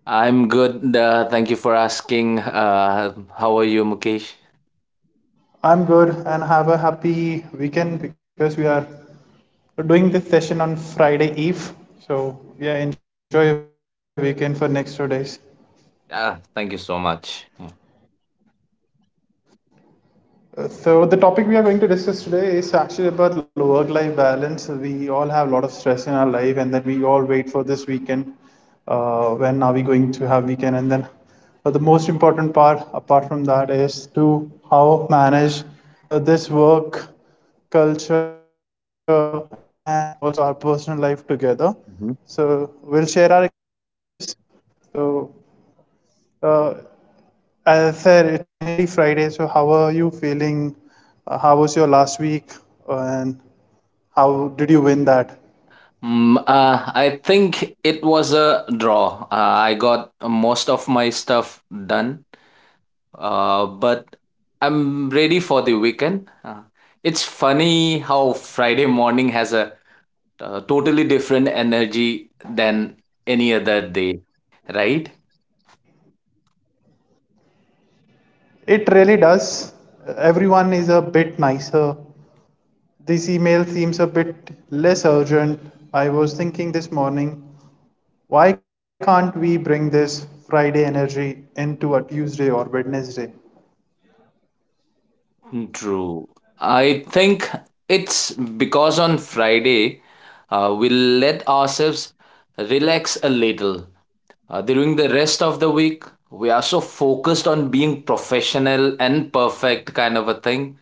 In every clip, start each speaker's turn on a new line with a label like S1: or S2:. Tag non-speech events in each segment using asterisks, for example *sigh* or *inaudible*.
S1: I'm good. Thank you for asking. How are you, Mukesh?
S2: I'm good and have a happy weekend because we are doing this session on Friday Eve. So, yeah, enjoy your weekend for next 2 days.
S1: Yeah, thank you so much.
S2: So the topic we are going to discuss today is actually about work-life balance. We all have a lot of stress in our life, and then we all wait for this weekend. When are we going to have weekend? And then, but the most important part, apart from that, is to how manage this work culture and also our personal life together.
S1: Mhm.
S2: So we'll share our experience with this. So uh, sir, it's finally Friday, so how are you feeling? How was your last week? And how did you win that?
S1: I think it was a draw. I got most of my stuff done, but I'm ready for the weekend. It's funny how Friday morning has a totally different energy than any other day, right?
S2: It really does. Everyone is a bit nicer. This email seems a bit less urgent. I was thinking this morning, why can't we bring this Friday energy into a Tuesday or Wednesday?
S1: True. I think it's because on Friday we let ourselves relax a little. During the rest of the week, we are so focused on being professional and perfect, kind of a thing.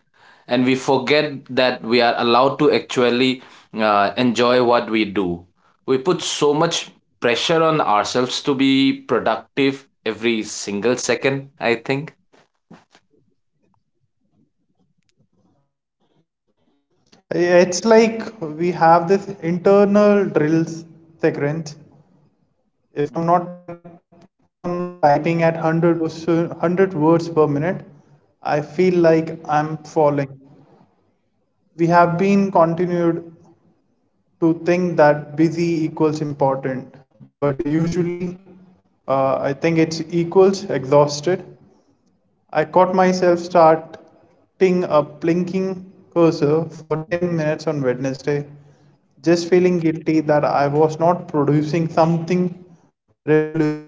S1: And we forget that we are allowed to actually enjoy what we do. We put so much pressure on ourselves to be productive every single second, I think.
S2: It's like we have this internal drills segment. if i'm not type if I'm not typing at 100 words per
S1: Mhm,
S2: minute, I feel like I'm falling. We have been continued to think that busy equals important, but usually, I think it equals exhausted. I caught myself starting a blinking cursor for
S1: mhm.
S2: 10 minutes on Wednesday, just feeling guilty that I was not producing something revolutionary.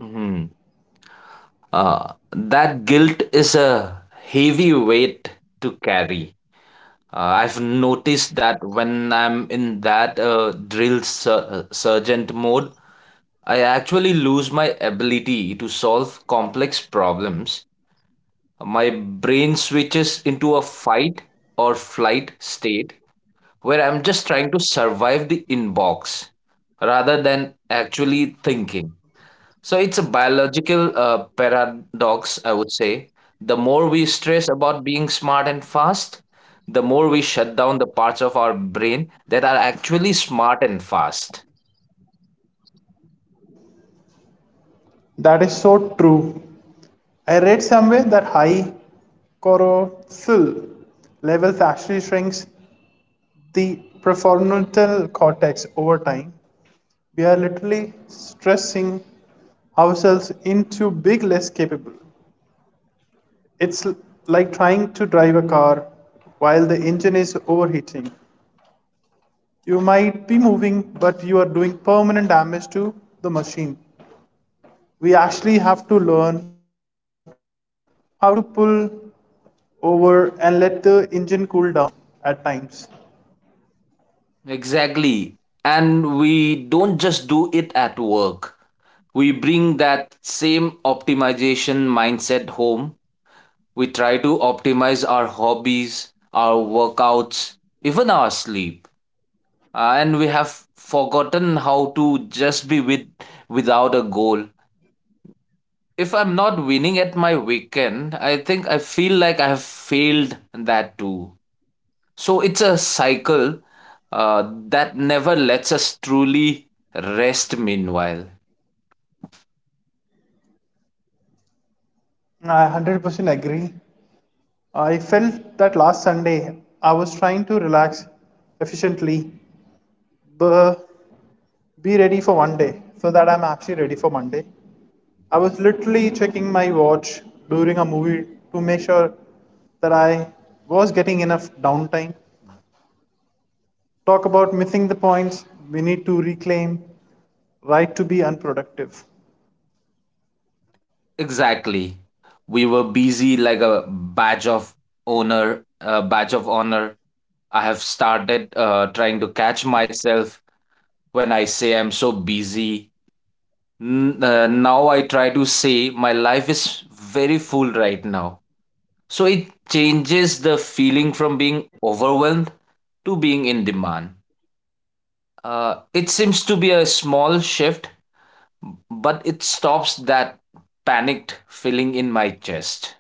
S1: Mhm. that guilt is a heavy weight to carry. I've noticed that when I'm in that drill sergeant mode, I actually lose my ability to solve complex problems. My brain switches into a fight or flight state where I'm just trying to survive the inbox rather than actually thinking. So it's a biological paradox, I would say. The more we stress about being smart and fast, the more we shut down the parts of our brain that are actually smart and fast.
S2: That is so true. I read somewhere that high chlorophyll levels actually shrinks the prefrontal cortex over time. We are literally stressing ourselves into big less capable. It's l- like trying to drive a car while the engine is overheating. You might be moving, but you are doing permanent damage to the machine. We actually have to learn how to pull over and let the engine cool down at times.
S1: Exactly. And we don't just do it at work. We bring that same optimization mindset home. We try to optimize our hobbies, our workouts, even our sleep. And we have forgotten how to just be with without a goal. If I'm not winning at my weekend, I think I feel like I have failed that too. So it's a cycle uh, that never lets us truly rest meanwhile.
S2: I 100% agree. I felt that last Sunday I was trying to relax efficiently, but be ready for one day so that I'm actually ready for Monday. I was literally checking my watch during a movie to make sure that I was getting enough downtime. Talk about missing the points, we need to reclaim right to be unproductive.
S1: Exactly. We were busy like a badge of honor, a badge of honor. I have started trying to catch myself when I say I'm so busy. Now I try to say my life is very full right now. So it changes the feeling from being overwhelmed to being in demand. It seems to be a small shift, but it stops that panicked feeling in my chest.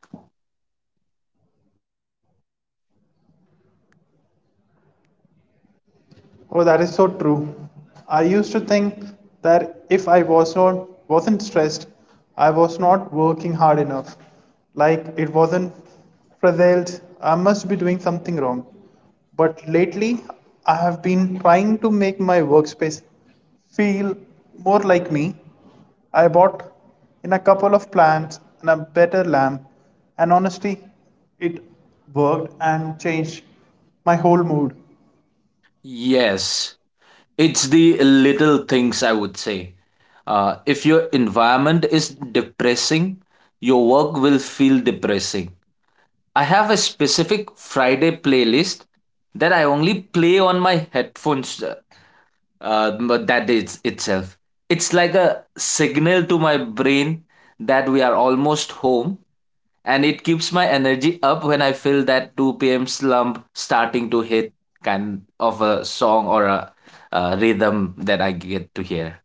S2: Oh, that is so true. I used to think that if I was not wasn't stressed, I was not working hard enough. Like it wasn't frazzled, I must be doing something wrong. But lately, I have been trying to make my workspace feel more like me. I bought in a couple of plants and a better lamp, and honestly, it worked and changed my whole mood.
S1: Yes, it's the little things, I would say. If your environment is depressing, your work will feel depressing. I have a specific Friday playlist that I only play on my headphones, but that is itself. It's like a signal to my brain that we are almost home, and it keeps my energy up when I feel that 2 p.m. slump starting to hit. Kind of a song or a rhythm that I get to hear.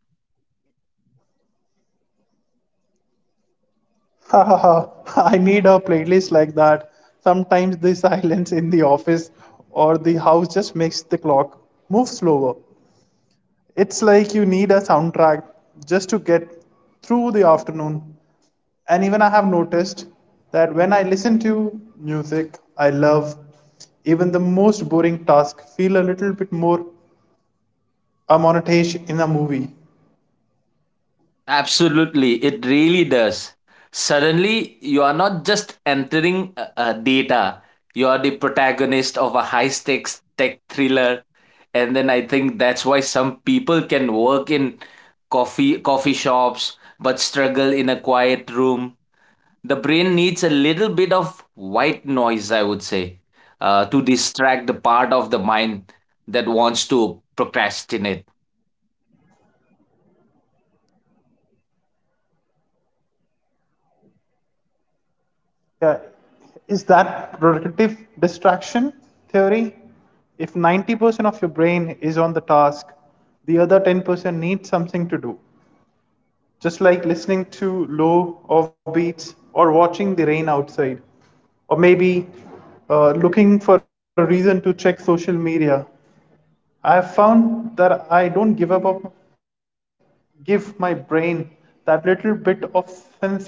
S2: *laughs* Ha ha ha. I need a playlist like that. Sometimes the *laughs* silence in the office or the house just makes the clock move slower. It's like you need a soundtrack just to get through the afternoon. And even I have noticed that when I listen to music I love, even the most boring task feel a little bit more a montage in a movie.
S1: Absolutely, it really does. Suddenly, you are not just entering data, you are the protagonist of a high stakes tech thriller. And then I think that's why some people can work in coffee shops but struggle in a quiet room. The brain needs a little bit of white noise, I would say, to distract the part of the mind that wants to procrastinate.
S2: Yeah, is that productive distraction theory? If 90% of your brain is on the task, the other 10% needs something to do, just like listening to low offbeats or watching the rain outside, or maybe looking for a reason to check social media. I have found that I don't give up, up give my brain that little bit of sensory input.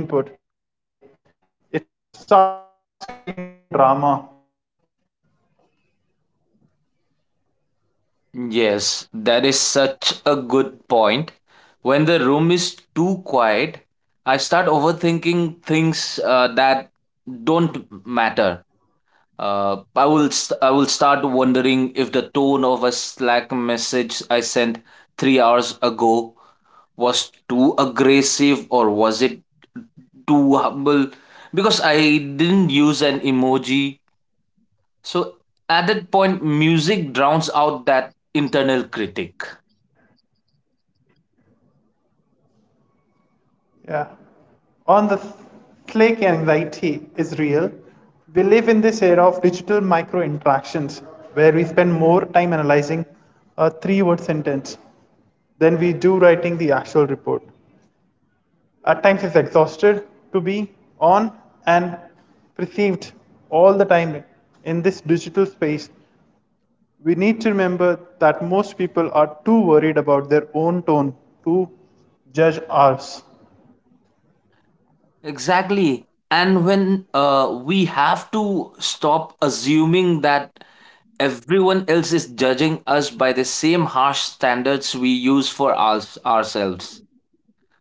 S2: It starts creating its own drama.
S1: Yes, that is such a good point. When the room is too quiet, I start overthinking things that don't matter. I will start wondering if the tone of a Slack message I sent 3 hours ago was too aggressive, or was it too humble because I didn't use an emoji. So at that point, music drowns out that internal critic.
S2: Yeah. On the click anxiety is real. We live in this era of digital micro interactions where we spend more time analyzing a three word sentence writing the actual report. At times, it's exhausted to be on and perceived all the time in this digital space. We need to remember that most people are too worried about their own tone to judge ours.
S1: Exactly. And when we have to stop assuming that everyone else is judging us by the same harsh standards we use for ourselves.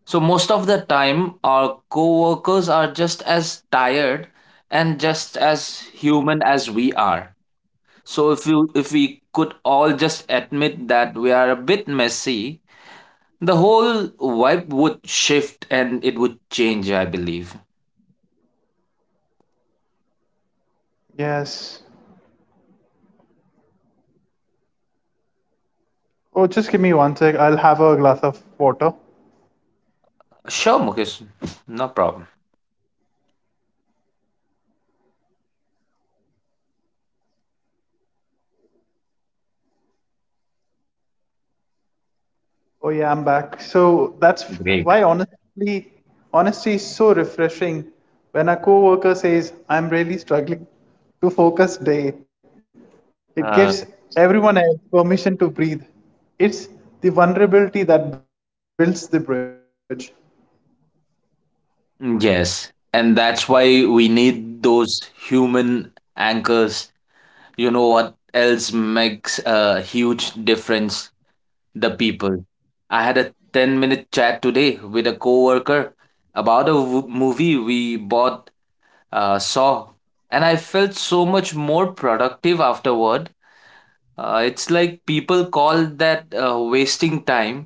S1: So, most of the time, our coworkers are just as tired and just as human as we are. So, if we could all just admit that we are a bit messy, the whole vibe would shift and it would change, I believe.
S2: Yes. Oh, just give me one sec. I'll have a glass of water.
S1: Sure, Mukesh. No problem.
S2: Oh yeah, I'm back. So that's f-
S1: Great.
S2: why honestly, honesty is so refreshing. When a coworker says, "I'm really struggling to focus day," it gives
S1: Uh,
S2: everyone else permission to breathe. It's the vulnerability that builds the bridge.
S1: Yes. And that's why we need those human anchors. You know what else makes a huge difference? The people. I had a 10-minute chat today with a coworker about a movie we saw, and I felt so much more productive afterward. It's like people call that wasting time,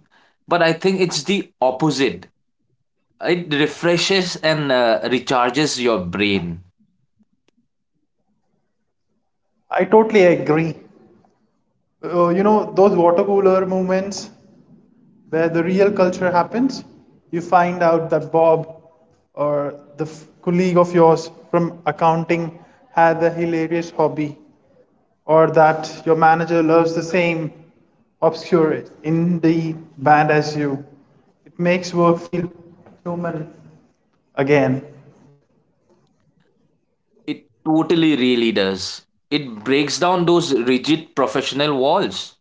S1: but I think it's the opposite. It refreshes and recharges your brain.
S2: I totally agree. You know those water cooler moments where the culture happens, you find out that Bob or colleague of yours from accounting had a hilarious hobby, or that your manager loves the same obscure indie band as you. It makes work feel human again.
S1: It totally really does. It breaks down those rigid professional walls.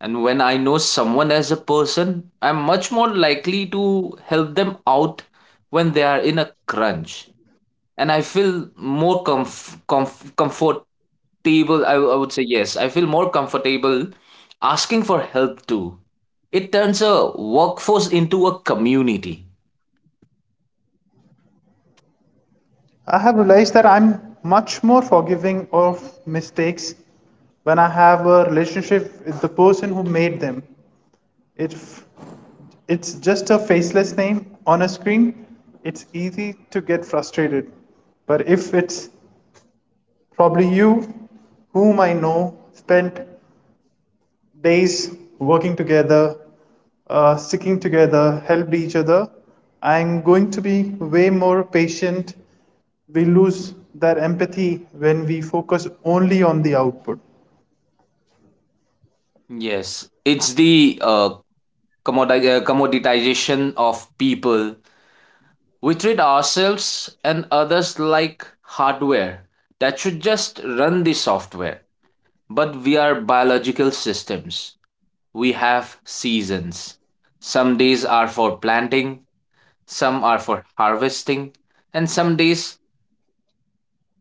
S1: And when I know someone as a person, I'm much more likely to help them out when they are in a crunch. And I feel more comfortable. I would say yes. I feel more comfortable asking for help too. It turns a workforce into a community.
S2: I have realized that I'm much more forgiving of mistakes when I have a relationship with the person who made them. If it's just a faceless name on a screen, it's easy to get frustrated. But it's probably you, whom I know spent days working together, sticking together, helped each other, I'm going to be way more patient. We lose that empathy when we focus only on the output.
S1: Yes, it's the commoditization of people. We treat ourselves and others like hardware that should just run the software. But we are biological systems. We have seasons. Some days are for planting, some are for harvesting, and some days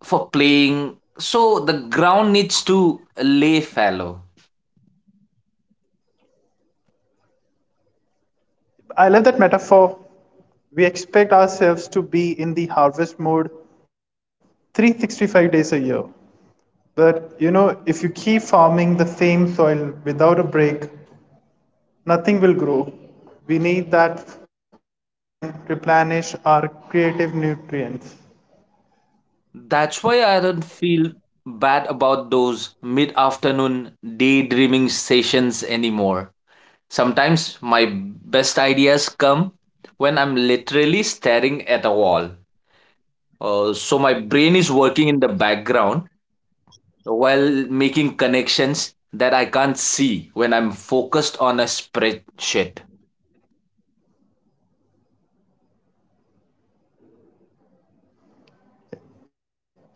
S1: for playing. So the ground needs to lay fallow.
S2: I love that metaphor. We expect ourselves to be in the harvest mode 365 days a year. But you know, if you keep farming the same soil without a break, nothing will grow. We need that fallow time to replenish our creative nutrients.
S1: That's why I don't feel bad about those mid afternoon daydreaming sessions anymore. Sometimes my best ideas come when I'm literally staring at a wall. So my brain is working in the background while making connections that I can't see when I'm focused on a spreadsheet.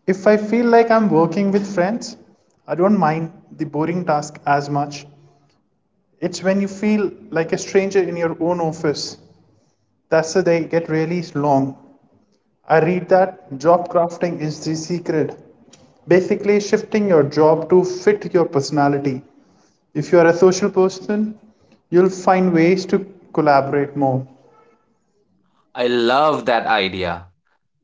S2: If I feel like I'm working with friends, I don't mind the boring task as much. It's when you feel like a stranger in your own office. That's the day get really long. I read that job crafting is the secret. Basically, shifting your job to fit your personality. If you are a social person, you'll find ways to collaborate more.
S1: I love that idea.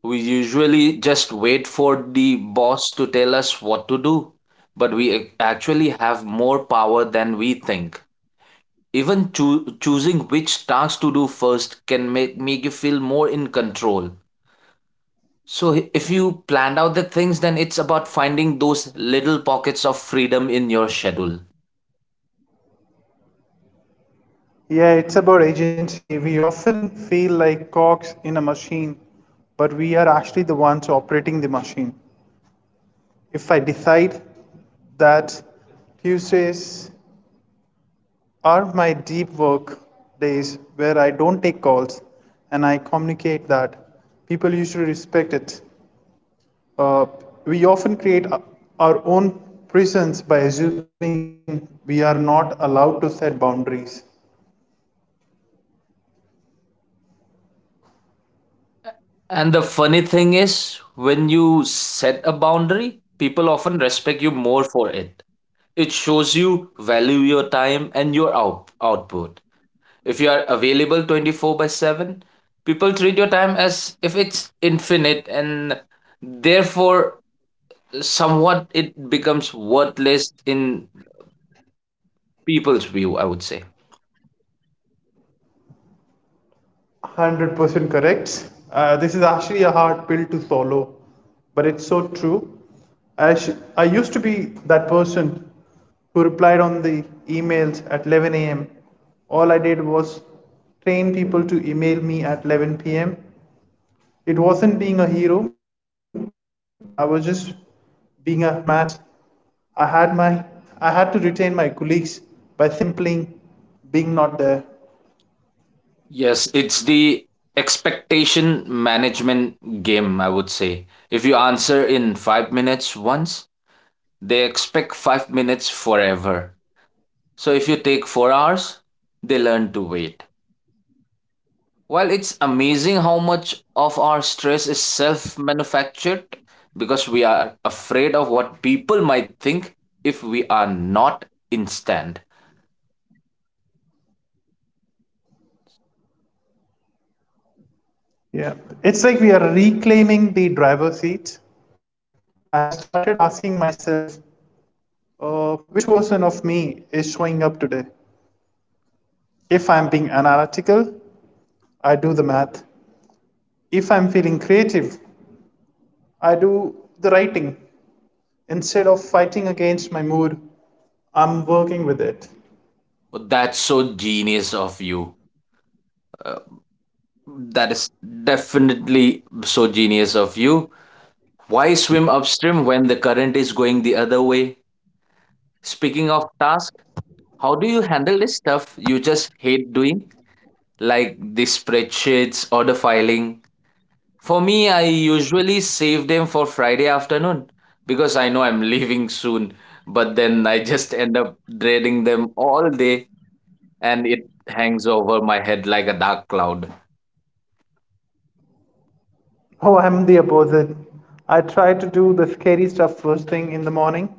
S1: We usually just wait for the boss to tell us what to do, but we actually have more power than we think. Even choosing which tasks to do first can make you feel more in control. So, if you planned out the things, then it's about finding those little pockets of freedom in your schedule.
S2: Yeah, it's about agency. We often feel like cogs in a machine, but we are actually the ones operating the machine. If I decide that Tuesdays are my deep work days where I don't take calls and I communicate that, people usually respect it. Uh, we often create our own prisons by assuming we are not allowed to set boundaries.
S1: And the funny thing is, when you set a boundary, people often respect you more for it. It shows you value your time and your output. If you are available 24 by 7, people treat your time as if it's infinite and therefore somewhat it becomes worthless in people's view, I would say.
S2: 100% correct. This is actually a hard pill to swallow, but it's so true. I, sh- I used to be that person who replied on the emails at 11 a.m. All I did was train people to email me at 11 p.m. It wasn't being a hero, I was just being a doormat. I had my I had to retain my colleagues by simply being not there.
S1: Yes, it's the expectation management game, I would say. If you answer in 5 minutes once, they expect 5 minutes forever. So if you take 4 hours, they learn to wait. Well, it's amazing how much of our stress is self manufactured because we are afraid of what people might think if we are not instant.
S2: Yeah, it's like we are reclaiming the driver's seat. I have started asking myself, uh, which version of me is showing up today? If I'm being analytical, I do the math. If I'm feeling creative, I do the writing. Instead of fighting against my mood, I'm working with it.
S1: That's so genius of you. Uh, that is definitely so genius of you. Why swim upstream when the current is going the other way? Speaking of task, how do you handle this stuff you just hate doing, like the spreadsheets or the filing? For me, I usually save them for Friday afternoon because I know I'm *laughs* leaving soon, but then I just end up dreading them all day and it hangs over my head like a dark cloud.
S2: Oh, I'm the opposite. I try to do the scary stuff first thing in morning.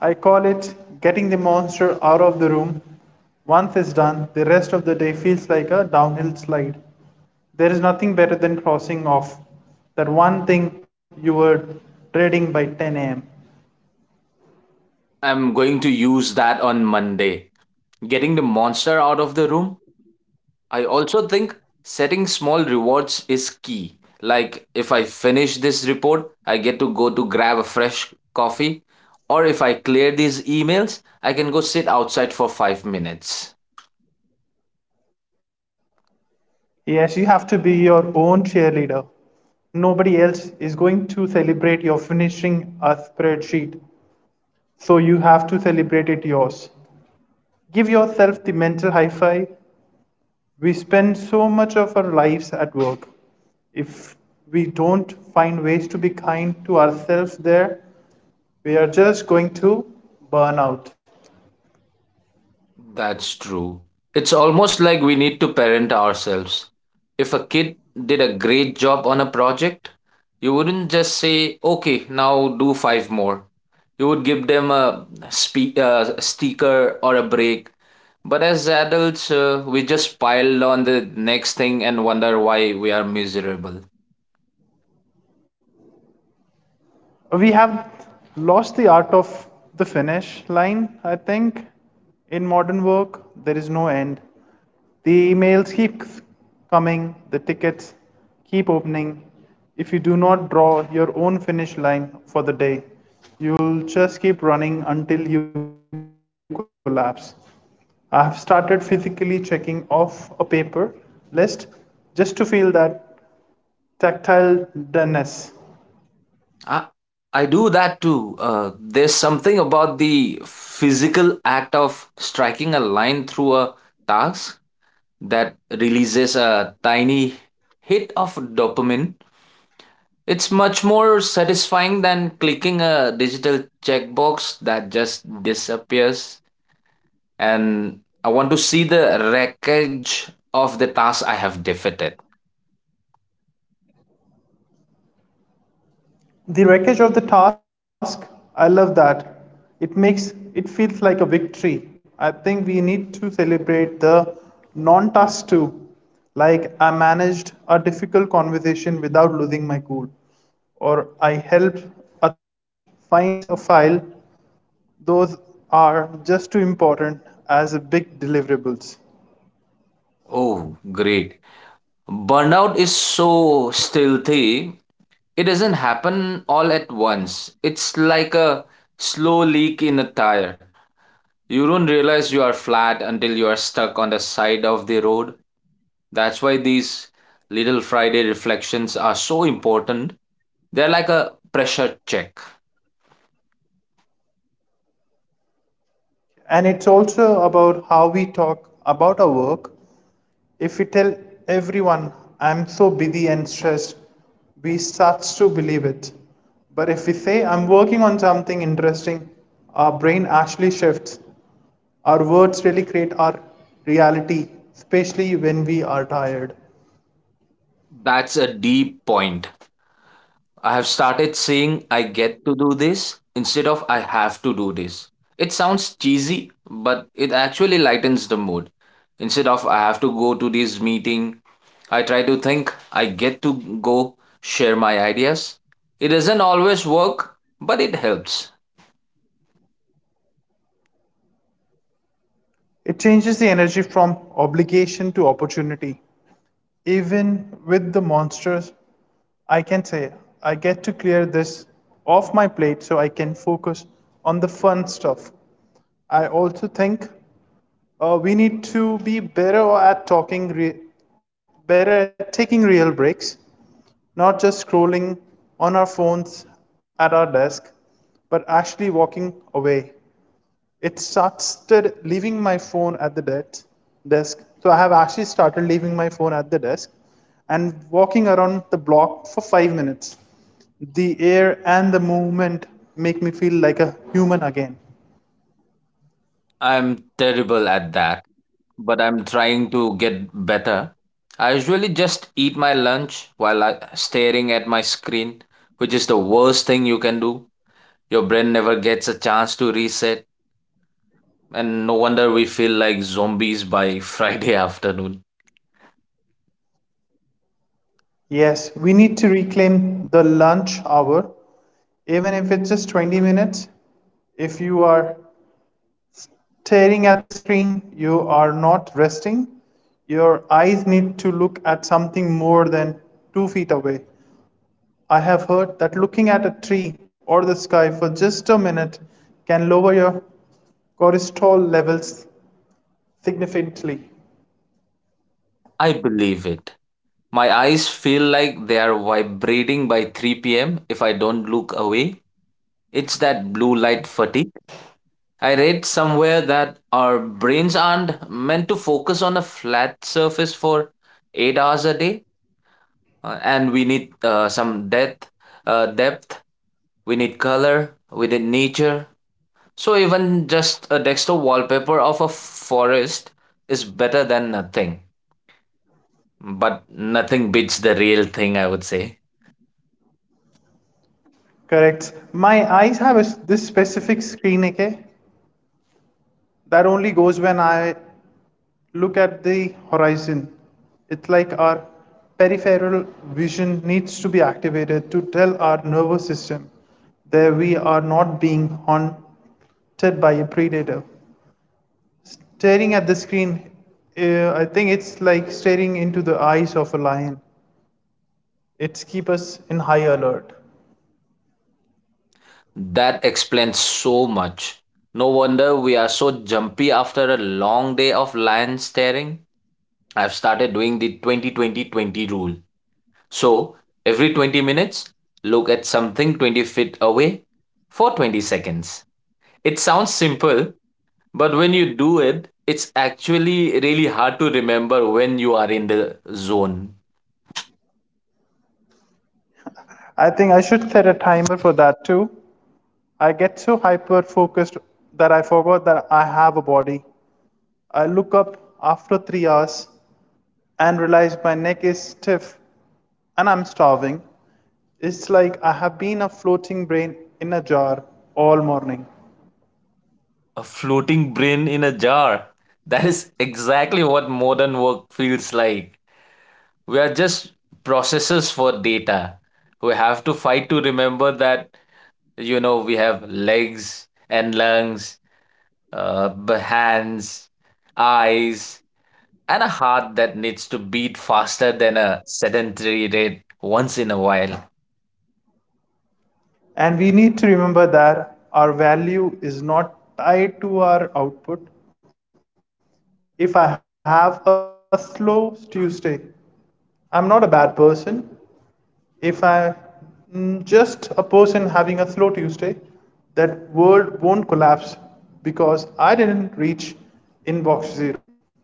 S2: I call it getting the monster out of the room. Once it's done, the rest of the day feels like a downhill slide. There is nothing better than crossing off that one thing you were dreading by 10 am.
S1: I'm going to use that on Monday. Getting the monster out of the room. I also think setting small rewards is key. Like if I finish this report, I get to go to grab a fresh coffee, or if I clear these emails, I can go sit outside for 5 minutes.
S2: Yes, you have to be your own cheerleader. Nobody else is going to celebrate your finishing a spreadsheet, so you have to celebrate it yours. Give yourself the mental high five. We spend so much of our lives at work. If we don't find ways to be kind to ourselves there, we are just going to burn out.
S1: That's true. It's almost like we need to parent ourselves. If a kid did a great job on a project, you wouldn't just say, okay, now do five more. You would give them a sticker or a break. But as adults, we just pile on the next thing and wonder why we are miserable.
S2: We have lost the art of the finish line, I think. In modern work, there is no end. The emails keep coming, the tickets keep opening. If you do not draw your own finish line for the day, you'll just keep running until you collapse. I have started physically checking off a paper list just to feel that tactile doneness.
S1: I, I do that too. There's something about the physical act of striking a line through a task that releases a tiny hit of dopamine. It's much more satisfying than clicking a digital checkbox that just disappears. And I want to see the wreckage of the task I have defeated.
S2: The wreckage of the task, I love that. It makes it feels like a victory. I think we need to celebrate the non-task too. Like I managed a difficult conversation without losing my cool, or I helped a teammate find a file. Those are just too important as big deliverables.
S1: Oh, great. Burnout is so stealthy. It doesn't happen all at once. It's like a slow leak in a tire. You don't realize you are flat until you are stuck on the side of the road. That's why these little Friday reflections are so important. They're like a pressure check.
S2: And it's also about how we talk about our work. If we tell everyone, I'm so busy and stressed, we start to believe it. But if we say, I'm working on something interesting, our brain actually shifts. Our words really create our reality, especially when we are tired.
S1: That's a deep point. I have started saying I get to do this instead of I have to do this. It sounds cheesy, but it actually lightens the mood. Instead of I have to go to this meeting, I try to think I get to go share my ideas. It doesn't always work, but it helps.
S2: It changes the energy from obligation to opportunity. Even with the monsters, I can say I get to clear this off my plate so I can focus on the fun stuff. I also think we need to be better at better at taking real breaks, not just scrolling on our phones at our desk, but actually walking away. It started leaving my phone at the desk. So I have actually started leaving my phone at the desk and walking around the block for 5 minutes. The air and the movement make me feel like a human again.
S1: I'm terrible at that, but I'm trying to get better. I usually just eat my lunch while staring at my screen, which is the worst thing you can do. Your brain never gets a chance to reset, and no wonder we feel like zombies by *laughs* Friday afternoon.
S2: Yes, we need to reclaim the lunch hour, even if it's just 20 minutes. If you are staring at the screen, you are not resting. Your eyes need to look at something more than 2 feet away. I have heard that looking at a tree or the sky for just a minute can lower your cortisol levels significantly.
S1: I believe it. My eyes feel like they are vibrating by 3 p.m. if I don't look away. It's that blue light fatigue. I read somewhere that our brains aren't meant to focus on a flat surface for 8 hours a day, and we need some depth. We need color. We need nature. So even just a desktop wallpaper of a forest is better than nothing. But nothing beats the real thing, I would say.
S2: Correct. My eyes have a s this specific screen, okay, that only goes when I look the horizon. It's like our peripheral vision needs to be activated to tell our nervous system that we are not being haunted by a predator. Staring at the screen, I think it's like staring into the eyes of a lion. It keeps us in high alert.
S1: That explains so much. No wonder we are so jumpy after a long day of lion staring. I've started doing the 20-20-20 rule. So every 20 minutes, look at something 20 feet away for 20 seconds. It sounds simple, but when you do it, it's actually really hard to remember when you are in the zone.
S2: I think I should set a timer for that too. I get so hyper focused that I forgot that I have a body. I look up after 3 hours and realize my neck is stiff and I'm starving. It's like I have been a floating brain in a jar all morning.
S1: A floating brain in a jar. *laughs* That is exactly what modern work feels like. We are just processors for data. We have to fight to remember that, you know, we have legs and lungs, uh, hands, eyes, and a heart that needs to beat faster than a sedentary rate once in a while.
S2: And we need to remember that our value is not tied to our output. If I have a slow Tuesday, I'm not a bad person. If I am just a person having a slow Tuesday, that world won't collapse because I didn't reach inbox zero.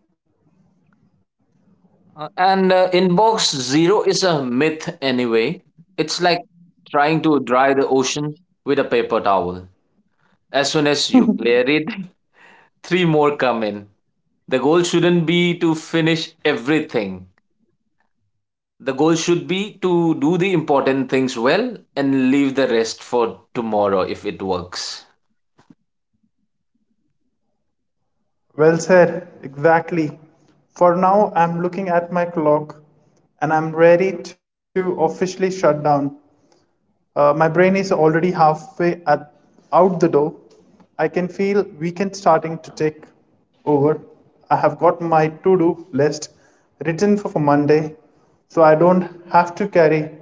S1: And inbox zero is a myth anyway. It's like trying to dry the ocean with a paper towel. As soon as you clear it, *laughs* three more come in. The goal shouldn't be to finish everything. The goal should be to do the important things well and leave the rest for tomorrow if it works.
S2: Well said, exactly. For now, I'm looking at my clock and I'm ready to officially shut down. My brain is already halfway at, out the door. I can feel weekend starting to take over. I have got my to do list written for Monday so I don't have to carry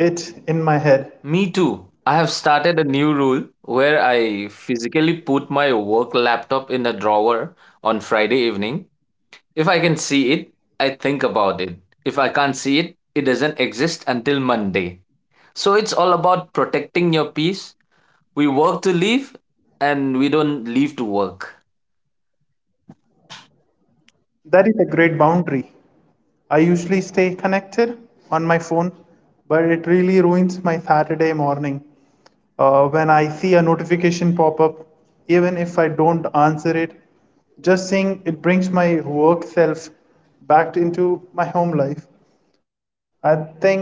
S2: it in my head.
S1: Me too. I have started a new rule where I physically put my work laptop in a drawer on Friday evening. If I can see it, I think about it. If I can't see it, it doesn't exist until Monday. So it's all about protecting your peace. We work to live and we don't live to work.
S2: That is a great boundary. I usually stay connected on my phone, but it really ruins my Saturday morning when I see a notification pop up, even if I don't answer it. Just seeing it brings my work self back into my home life.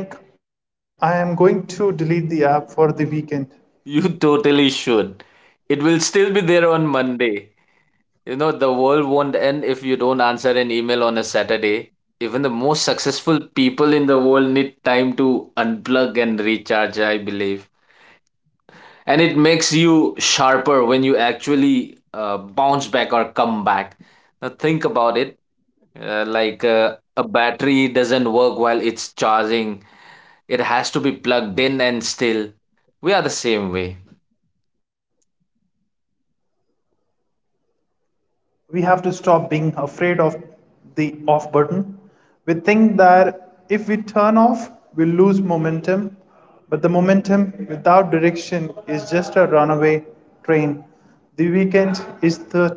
S2: I think I am going to delete the app for the weekend.
S1: You totally should. It will still be there on Monday. You know, the world won't end if you don't answer an email on a Saturday. Even the most successful people in the world need time to unplug and recharge, I believe. And it makes you sharper when you actually bounce back or come back. Now, think about it. Like a battery doesn't work while it's charging, it has to be plugged in and still. We are the same way.
S2: We have to stop being afraid of the off button. We think that if we turn off, we lose momentum, but the momentum without direction is just a runaway train. The weekend is the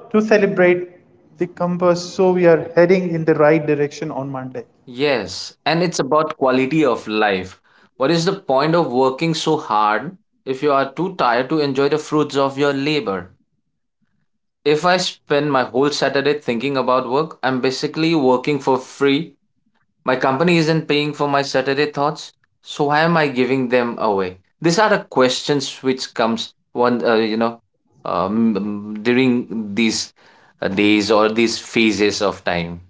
S2: to celebrate the compass so we are heading in the right direction on Monday.
S1: Yes, and it's about quality of life. What is the point of working so hard if you are too tired to enjoy the fruits of your labor? If I spend my whole Saturday thinking about work, I'm basically working for free. My company isn't paying for my Saturday thoughts, so why am I giving them away? These are the questions which comes during these days or these phases of time.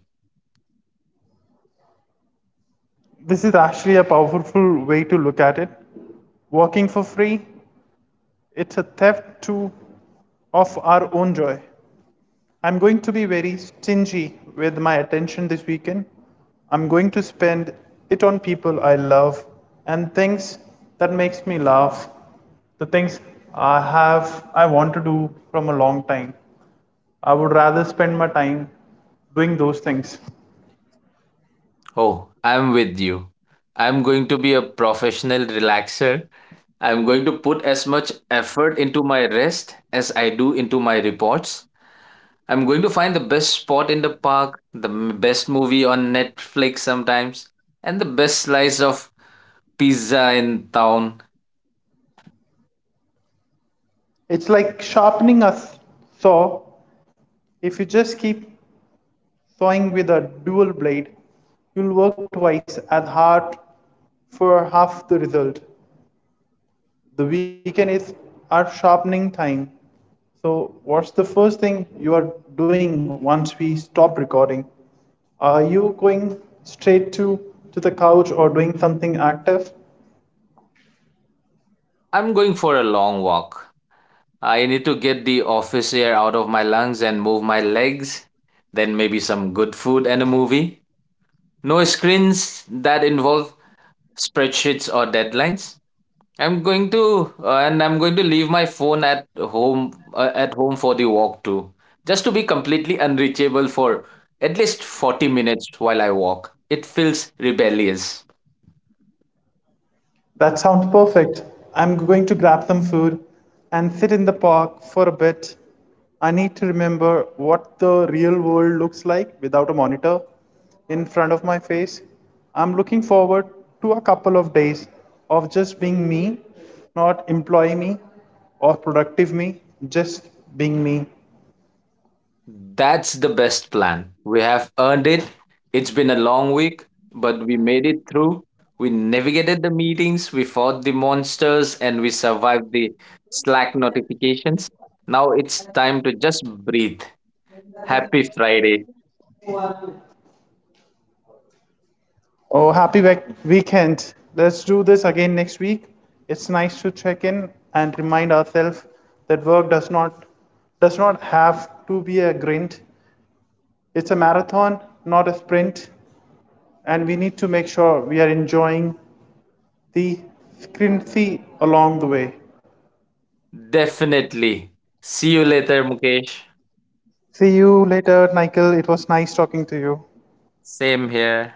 S2: This is actually a powerful way to look at it. Working for free, it's a theft too of our own joy. I'm going to be very stingy with my attention this weekend. I'm going to spend it on people I love and things that makes me laugh. The things I have I want to do from a long time. I would rather spend my time doing those things.
S1: Oh, I'm with you. I'm going to be a professional relaxer. I'm going to put as much effort into my rest as I do into my reports. I'm going to find the best spot in the park, the best movie on Netflix sometimes, and the best slice of pizza in town.
S2: It's like sharpening a saw. If you just keep sawing with a dual blade, you'll work twice as hard for half the result. The weekend is our sharpening time. So, what's the first thing you are doing once we stop recording? Are you going straight to the couch or doing something active?
S1: I'm going for a long walk. I need to get the office air out of my lungs and move my legs. Then maybe some good food and a movie. No screens that involve spreadsheets or deadlines. I'm going to leave my phone at home for the walk too, just to be completely unreachable for at least 40 minutes while I walk. It feels rebellious.
S2: That sounds perfect. I'm going to grab some food and sit in the park for a bit. I need to remember what the real world looks like without a monitor in front of my face. I'm looking forward to a couple of days of just being me, not employee me or productive me, just being me.
S1: That's the best plan. We have earned it. It's been a long week, but we made it through. We navigated the meetings, we fought the monsters, and we survived the Slack notifications. Now it's time to just breathe. Happy Friday.
S2: Oh, happy wec- weekend. Let's do this again next week. It's nice to check in and remind ourselves that work does not have to be a grind. It's a marathon, not a sprint, and we need to make sure we are enjoying the screency along the way.
S1: Definitely. See you later, Mukesh.
S2: See you later, Michael. It was nice talking to you.
S1: Same here.